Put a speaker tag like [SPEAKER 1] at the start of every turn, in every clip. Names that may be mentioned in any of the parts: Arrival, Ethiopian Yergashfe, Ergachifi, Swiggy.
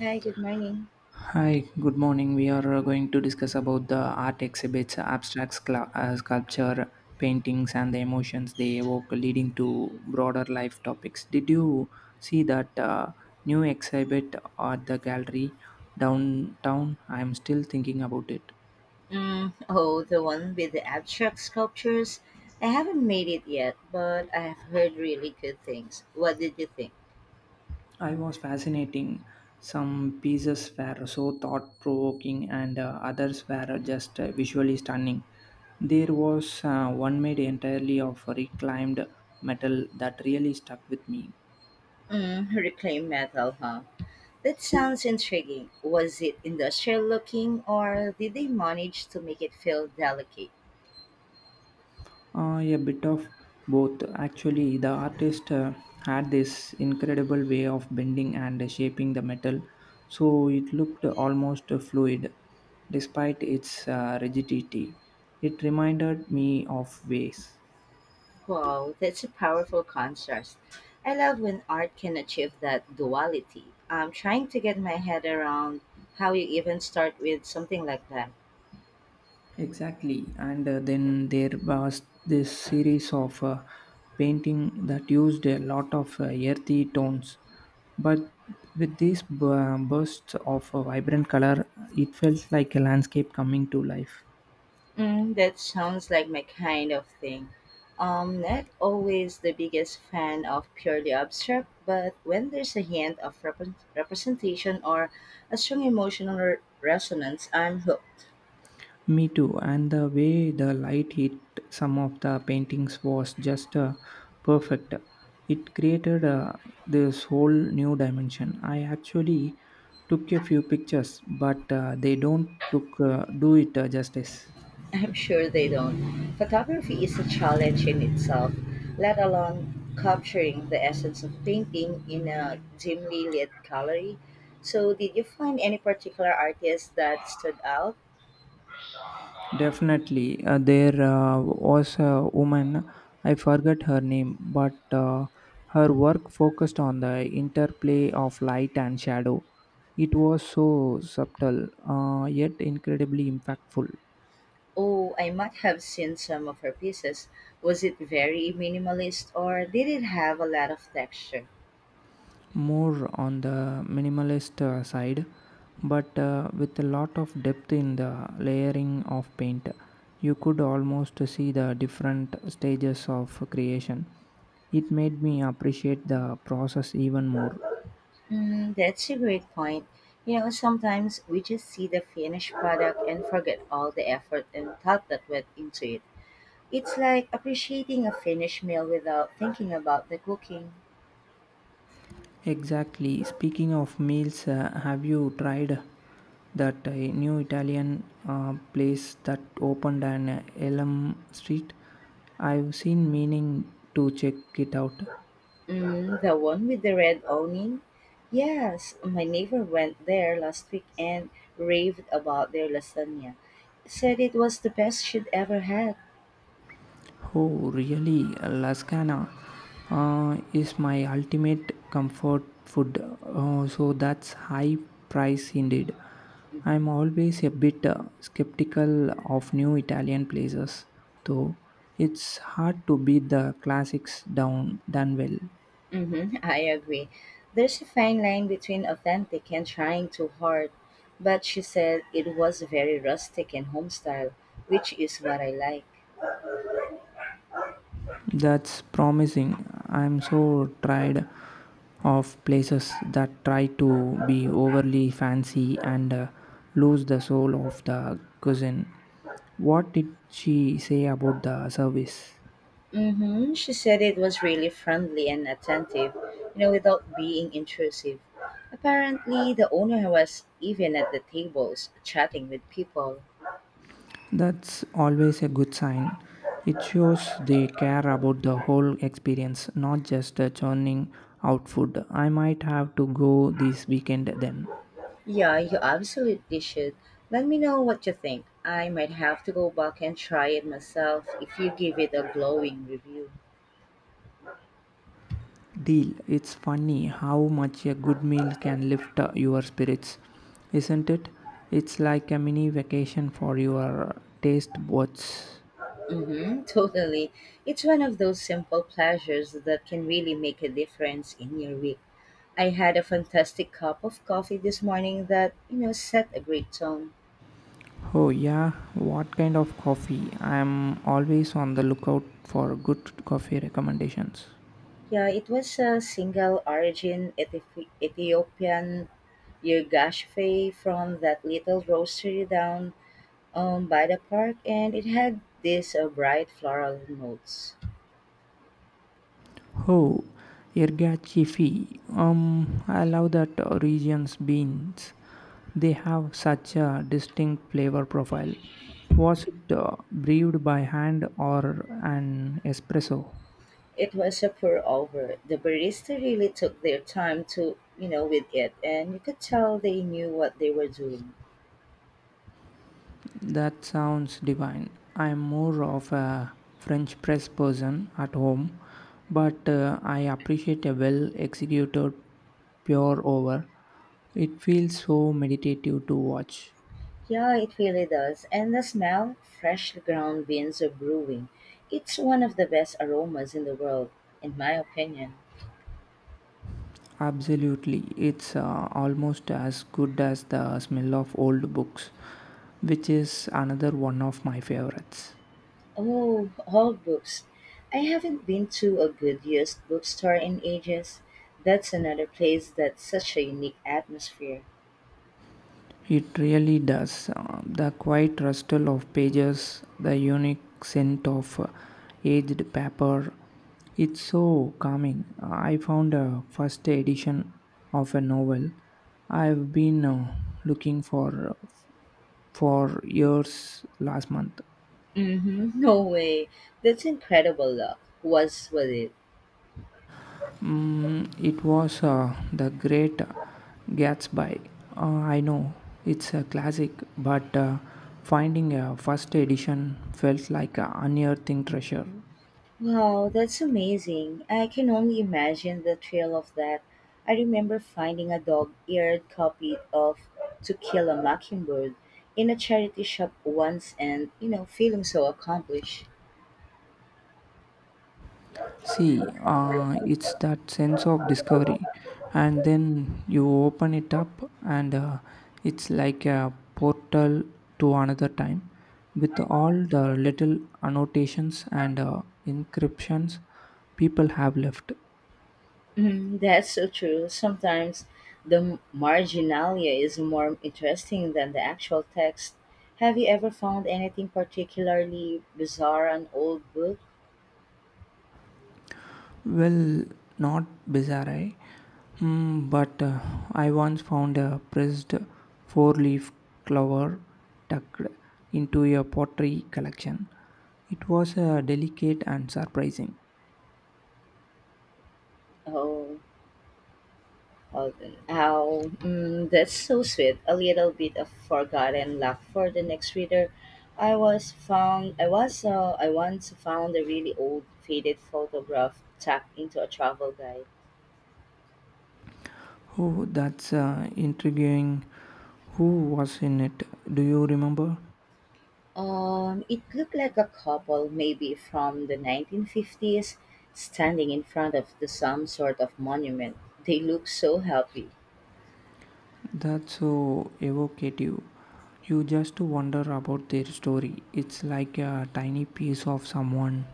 [SPEAKER 1] Hi, good morning.
[SPEAKER 2] Hi, good morning. We are going to discuss about the art exhibits, abstract sculpture, paintings, and the emotions they evoke, leading to broader life topics. Did you see that new exhibit at the gallery downtown? I'm still thinking about it.
[SPEAKER 1] Mm, oh, the one with the abstract sculptures. I haven't made it yet, but I've heard really good things. What did you think?
[SPEAKER 2] I was fascinating. Some pieces were so thought provoking, and others were just visually stunning. There was one made entirely of reclaimed metal that really stuck with me.
[SPEAKER 1] Mm, reclaimed metal, huh? That sounds intriguing. Was it industrial looking, or did they manage to make it feel delicate?
[SPEAKER 2] A bit of both. Actually, the artist had this incredible way of bending and shaping the metal, so it looked almost fluid despite its rigidity. It reminded me of waves.
[SPEAKER 1] Wow, that's a powerful contrast. I love when art can achieve that duality. I'm trying to get my head around how you even start with something like that.
[SPEAKER 2] Exactly, and then there was this series of painting that used a lot of earthy tones, but with these bursts of vibrant color, it felt like a landscape coming to life.
[SPEAKER 1] Mm, that sounds like my kind of thing. Not always the biggest fan of purely abstract, but when there's a hint of representation or a strong emotional resonance, I'm hooked.
[SPEAKER 2] Me too. And the way the light hit some of the paintings was just perfect. It created this whole new dimension. I actually took a few pictures, but they don't took do it justice.
[SPEAKER 1] I'm sure they don't. Photography is a challenge in itself, let alone capturing the essence of painting in a dimly lit gallery. So, did you find any particular artist that stood out?
[SPEAKER 2] Definitely, there was a woman, I forget her name, but her work focused on the interplay of light and shadow. It was so subtle, yet incredibly impactful.
[SPEAKER 1] Oh, I might have seen some of her pieces. Was it very minimalist or did it have a lot of texture?
[SPEAKER 2] More on the minimalist side, but with a lot of depth in the layering of paint. You could almost see the different stages of creation. It made me appreciate the process even more.
[SPEAKER 1] Mm, that's a great point. You know, sometimes we just see the finished product and forget all the effort and thought that went into it. It's like appreciating a finished meal without thinking about the cooking.
[SPEAKER 2] Exactly. Speaking of meals, have you tried that new Italian place that opened on Elm Street? I've seen meaning to check it out.
[SPEAKER 1] Mm, the one with the red awning? Yes, my neighbor went there last week and raved about their lasagna. Said it was the best she'd ever had.
[SPEAKER 2] Oh, really? Lasagna is my ultimate comfort food. So that's high price indeed.
[SPEAKER 1] Mm-hmm.
[SPEAKER 2] I'm always a bit skeptical of new Italian places, though. It's hard to beat the classics down done well.
[SPEAKER 1] Mm-hmm, I agree. There's a fine line between authentic and trying too hard, but she said it was very rustic and home style, which is what I like.
[SPEAKER 2] That's promising. I'm so tired of places that try to be overly fancy and lose the soul of the cuisine. What did she say about the service?
[SPEAKER 1] Mm-hmm. She said it was really friendly and attentive, you know, without being intrusive. Apparently, the owner was even at the tables chatting with people.
[SPEAKER 2] That's always a good sign. It shows they care about the whole experience, not just churning out food. I might have to go this weekend then.
[SPEAKER 1] Yeah, you absolutely should. Let me know what you think. I might have to go back and try it myself if you give it a glowing review.
[SPEAKER 2] Deal. It's funny how much a good meal can lift your spirits, isn't it? It's like a mini vacation for your taste buds.
[SPEAKER 1] Mm-hmm, totally. It's one of those simple pleasures that can really make a difference in your week. I had a fantastic cup of coffee this morning that, you know, set a great tone.
[SPEAKER 2] Oh, yeah, what kind of coffee? I'm always on the lookout for good coffee recommendations.
[SPEAKER 1] Yeah, it was a single origin Ethiopian Yergashfe from that little roastery down by the park, and it had these bright floral notes.
[SPEAKER 2] Oh, Ergachifi. I love that region's beans. They have such a distinct flavor profile. Was it brewed by hand or an espresso?
[SPEAKER 1] It was a pour over. The barista really took their time to, you know, with it, and you could tell they knew what they were doing.
[SPEAKER 2] That sounds divine. I'm more of a French press person at home, but I appreciate a well executed pour over. It feels so meditative to watch.
[SPEAKER 1] Yeah, it really does. And the smell, freshly ground beans are brewing. It's one of the best aromas in the world, in my opinion.
[SPEAKER 2] Absolutely, it's almost as good as the smell of old books, which is another one of my favorites.
[SPEAKER 1] Oh, old books. I haven't been to a good used bookstore in ages. That's another place that's such a unique atmosphere.
[SPEAKER 2] It really does. The quiet rustle of pages, the unique scent of aged paper, it's so calming. I found a first edition of a novel I've been looking for years last month.
[SPEAKER 1] Mm-hmm. No way. That's incredible luck. Was with it.
[SPEAKER 2] Mm, it was The Great Gatsby. I know it's a classic, but finding a first edition felt like a unearthing treasure.
[SPEAKER 1] Wow, that's amazing. I can only imagine the thrill of that. I remember finding a dog eared copy of To Kill a Mockingbird in a charity shop once and, you know, feeling so accomplished.
[SPEAKER 2] See, it's that sense of discovery, and then you open it up, and it's like a portal to another time with all the little annotations and inscriptions people have left.
[SPEAKER 1] Mhm, that's so true. Sometimes the marginalia is more interesting than the actual text. Have you ever found anything particularly bizarre on old book?
[SPEAKER 2] Well, not bizarre, eh? Mm, but I once found a pressed four leaf clover tucked into a pottery collection. It was delicate and surprising.
[SPEAKER 1] Oh. Okay. Oh, mm, that's so sweet. A little bit of forgotten luck for the next reader. I was found. I was. I once found a really old, faded photograph tucked into a travel guide.
[SPEAKER 2] Oh, that's intriguing. Who was in it? Do you remember?
[SPEAKER 1] It looked like a couple, maybe from the 1950s, standing in front of the, some sort of monument. They look so happy.
[SPEAKER 2] That's so evocative. You just wonder about their story. It's like a tiny piece of someone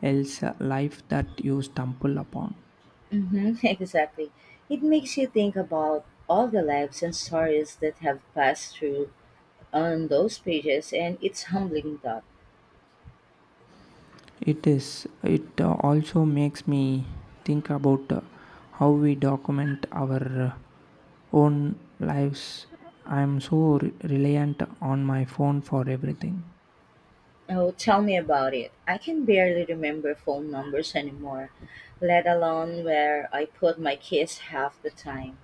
[SPEAKER 2] else's life that you stumble upon.
[SPEAKER 1] Mm-hmm, exactly. It makes you think about all the lives and stories that have passed through on those pages, and it's humbling that
[SPEAKER 2] It is. It also makes me think about how we document our own lives. I'm so reliant on my phone for everything.
[SPEAKER 1] oh, tell me about it. I can barely remember phone numbers anymore, let alone where I put my kids half the time.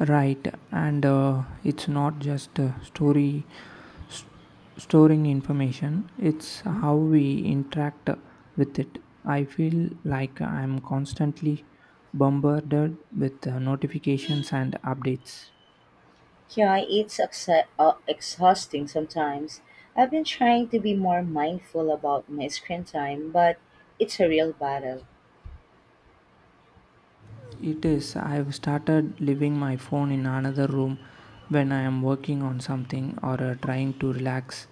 [SPEAKER 2] Right, and it's not just story s storing information, it's
[SPEAKER 1] Hmm?
[SPEAKER 2] how we interact with it. I feel like I'm constantly bombarded with notifications and updates.
[SPEAKER 1] Yeah, it's exhausting sometimes. I've been trying to be more mindful about my screen time, but it's a real battle.
[SPEAKER 2] It is. I've started leaving my phone in another room when I am working on something or trying to relax.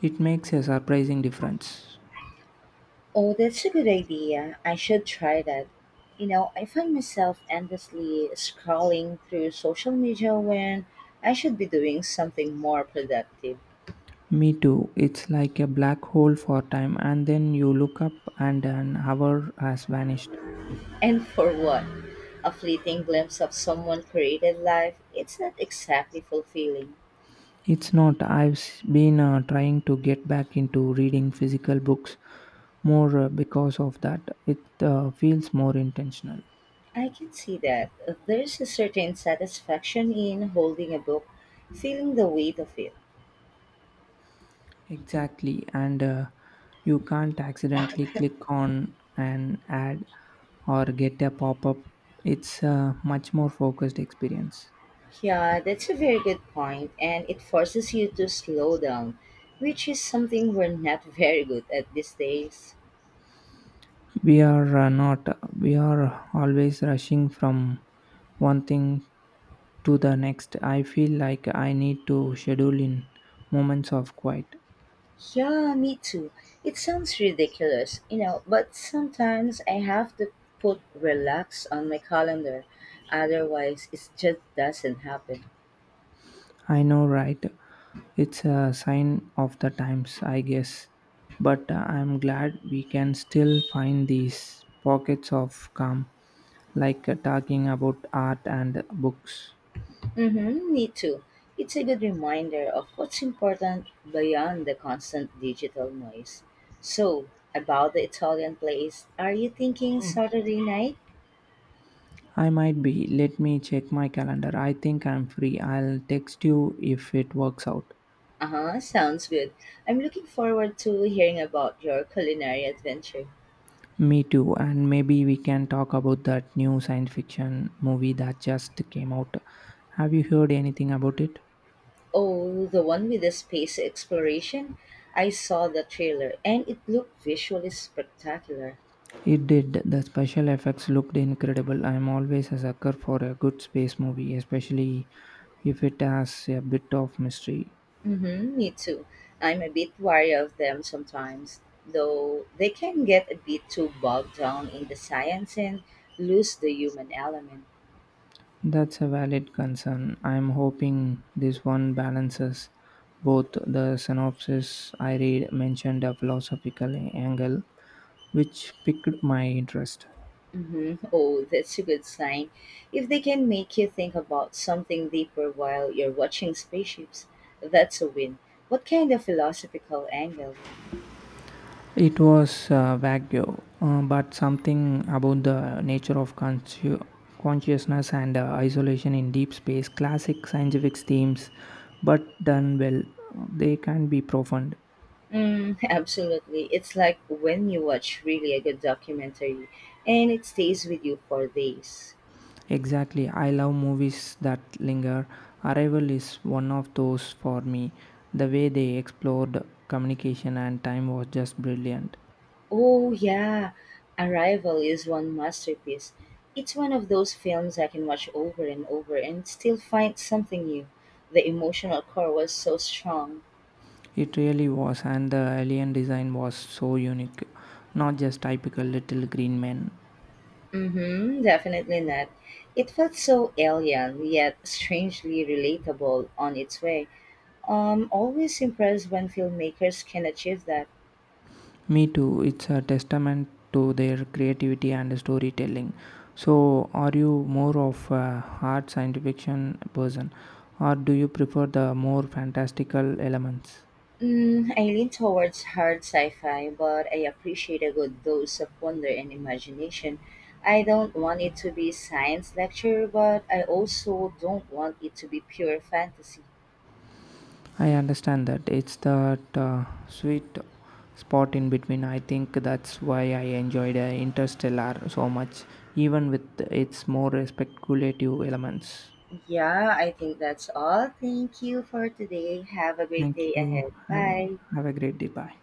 [SPEAKER 2] It makes a surprising difference.
[SPEAKER 1] Oh, that's a good idea. I should try that. You know, I find myself endlessly scrolling through social media when I should be doing something more productive.
[SPEAKER 2] Me too. It's like a black hole for time, and then you look up and an hour has vanished.
[SPEAKER 1] And for what? A fleeting glimpse of someone's created life, it's not exactly fulfilling.
[SPEAKER 2] It's not. I've been trying to get back into reading physical books more because of that. It feels more intentional.
[SPEAKER 1] I can see that. There's a certain satisfaction in holding a book, feeling the weight of it.
[SPEAKER 2] Exactly. And you can't accidentally click on an ad or get a pop up. It's a much more focused experience.
[SPEAKER 1] Yeah, that's a very good point, and it forces you to slow down, which is something we're not very good at these days.
[SPEAKER 2] We are not. We are always rushing from one thing to the next. I feel like I need to schedule in moments of quiet.
[SPEAKER 1] Yeah, me too. It sounds ridiculous, you know, but sometimes I have to put relax on my calendar. Otherwise, it just doesn't happen.
[SPEAKER 2] I know, right? It's a sign of the times, I guess. But I'm glad we can still find these pockets of calm, like talking about art and books.
[SPEAKER 1] Mm-hmm, me too. It's a good reminder of what's important beyond the constant digital noise. So, about the Italian place, are you thinking Saturday night?
[SPEAKER 2] I might be. Let me check my calendar. I think I'm free. I'll text you if it works out.
[SPEAKER 1] Uh-huh, sounds good. I'm looking forward to hearing about your culinary adventure.
[SPEAKER 2] Me too, and maybe we can talk about that new science fiction movie that just came out. Have you heard anything about it?
[SPEAKER 1] Oh, the one with the space exploration? I saw the trailer and it looked visually spectacular.
[SPEAKER 2] It did. The special effects looked incredible. I'm always a sucker for a good space movie, especially if it has a bit of mystery.
[SPEAKER 1] Mm-hmm, me too. I'm a bit wary of them sometimes, though they can get a bit too bogged down in the science and lose the human element.
[SPEAKER 2] That's a valid concern. I'm hoping this one balances both the synopsis I read mentioned a philosophical angle, which piqued my interest.
[SPEAKER 1] Hmm? Oh, that's a good sign. If they can make you think about something deeper while you're watching spaceships, that's a win. What kind of philosophical angle?
[SPEAKER 2] It was vague, but something about the nature of consciousness and isolation in deep space, classic scientific themes, but done well, they can be profound.
[SPEAKER 1] Mm, absolutely. It's like when you watch really a good documentary and it stays with you for days.
[SPEAKER 2] Exactly, I love movies that linger. Arrival is one of those for me. The way they explored communication and time was just brilliant.
[SPEAKER 1] Oh, yeah. Arrival is one masterpiece. It's one of those films I can watch over and over and still find something new. The emotional core was so strong.
[SPEAKER 2] It really was, and the alien design was so unique. Not just typical little green men.
[SPEAKER 1] Mm-hmm, definitely not. It felt so alien, yet strangely relatable on its way. Always impressed when filmmakers can achieve that.
[SPEAKER 2] Me too. It's a testament to their creativity and storytelling. So, are you more of a hard science fiction person, or do you prefer the more fantastical elements?
[SPEAKER 1] Mm, I lean towards hard sci-fi, but I appreciate a good dose of wonder and imagination. I don't want it to be science lecture, but I also don't want it to be pure fantasy.
[SPEAKER 2] I understand that it's that sweet spot in between. I think that's why I enjoyed Interstellar so much, even with its more speculative elements.
[SPEAKER 1] Yeah, I think that's all. Thank you for today. Have a great
[SPEAKER 2] Thank
[SPEAKER 1] day
[SPEAKER 2] you.
[SPEAKER 1] ahead.
[SPEAKER 2] Have a,
[SPEAKER 1] Bye.
[SPEAKER 2] have a great day. Bye.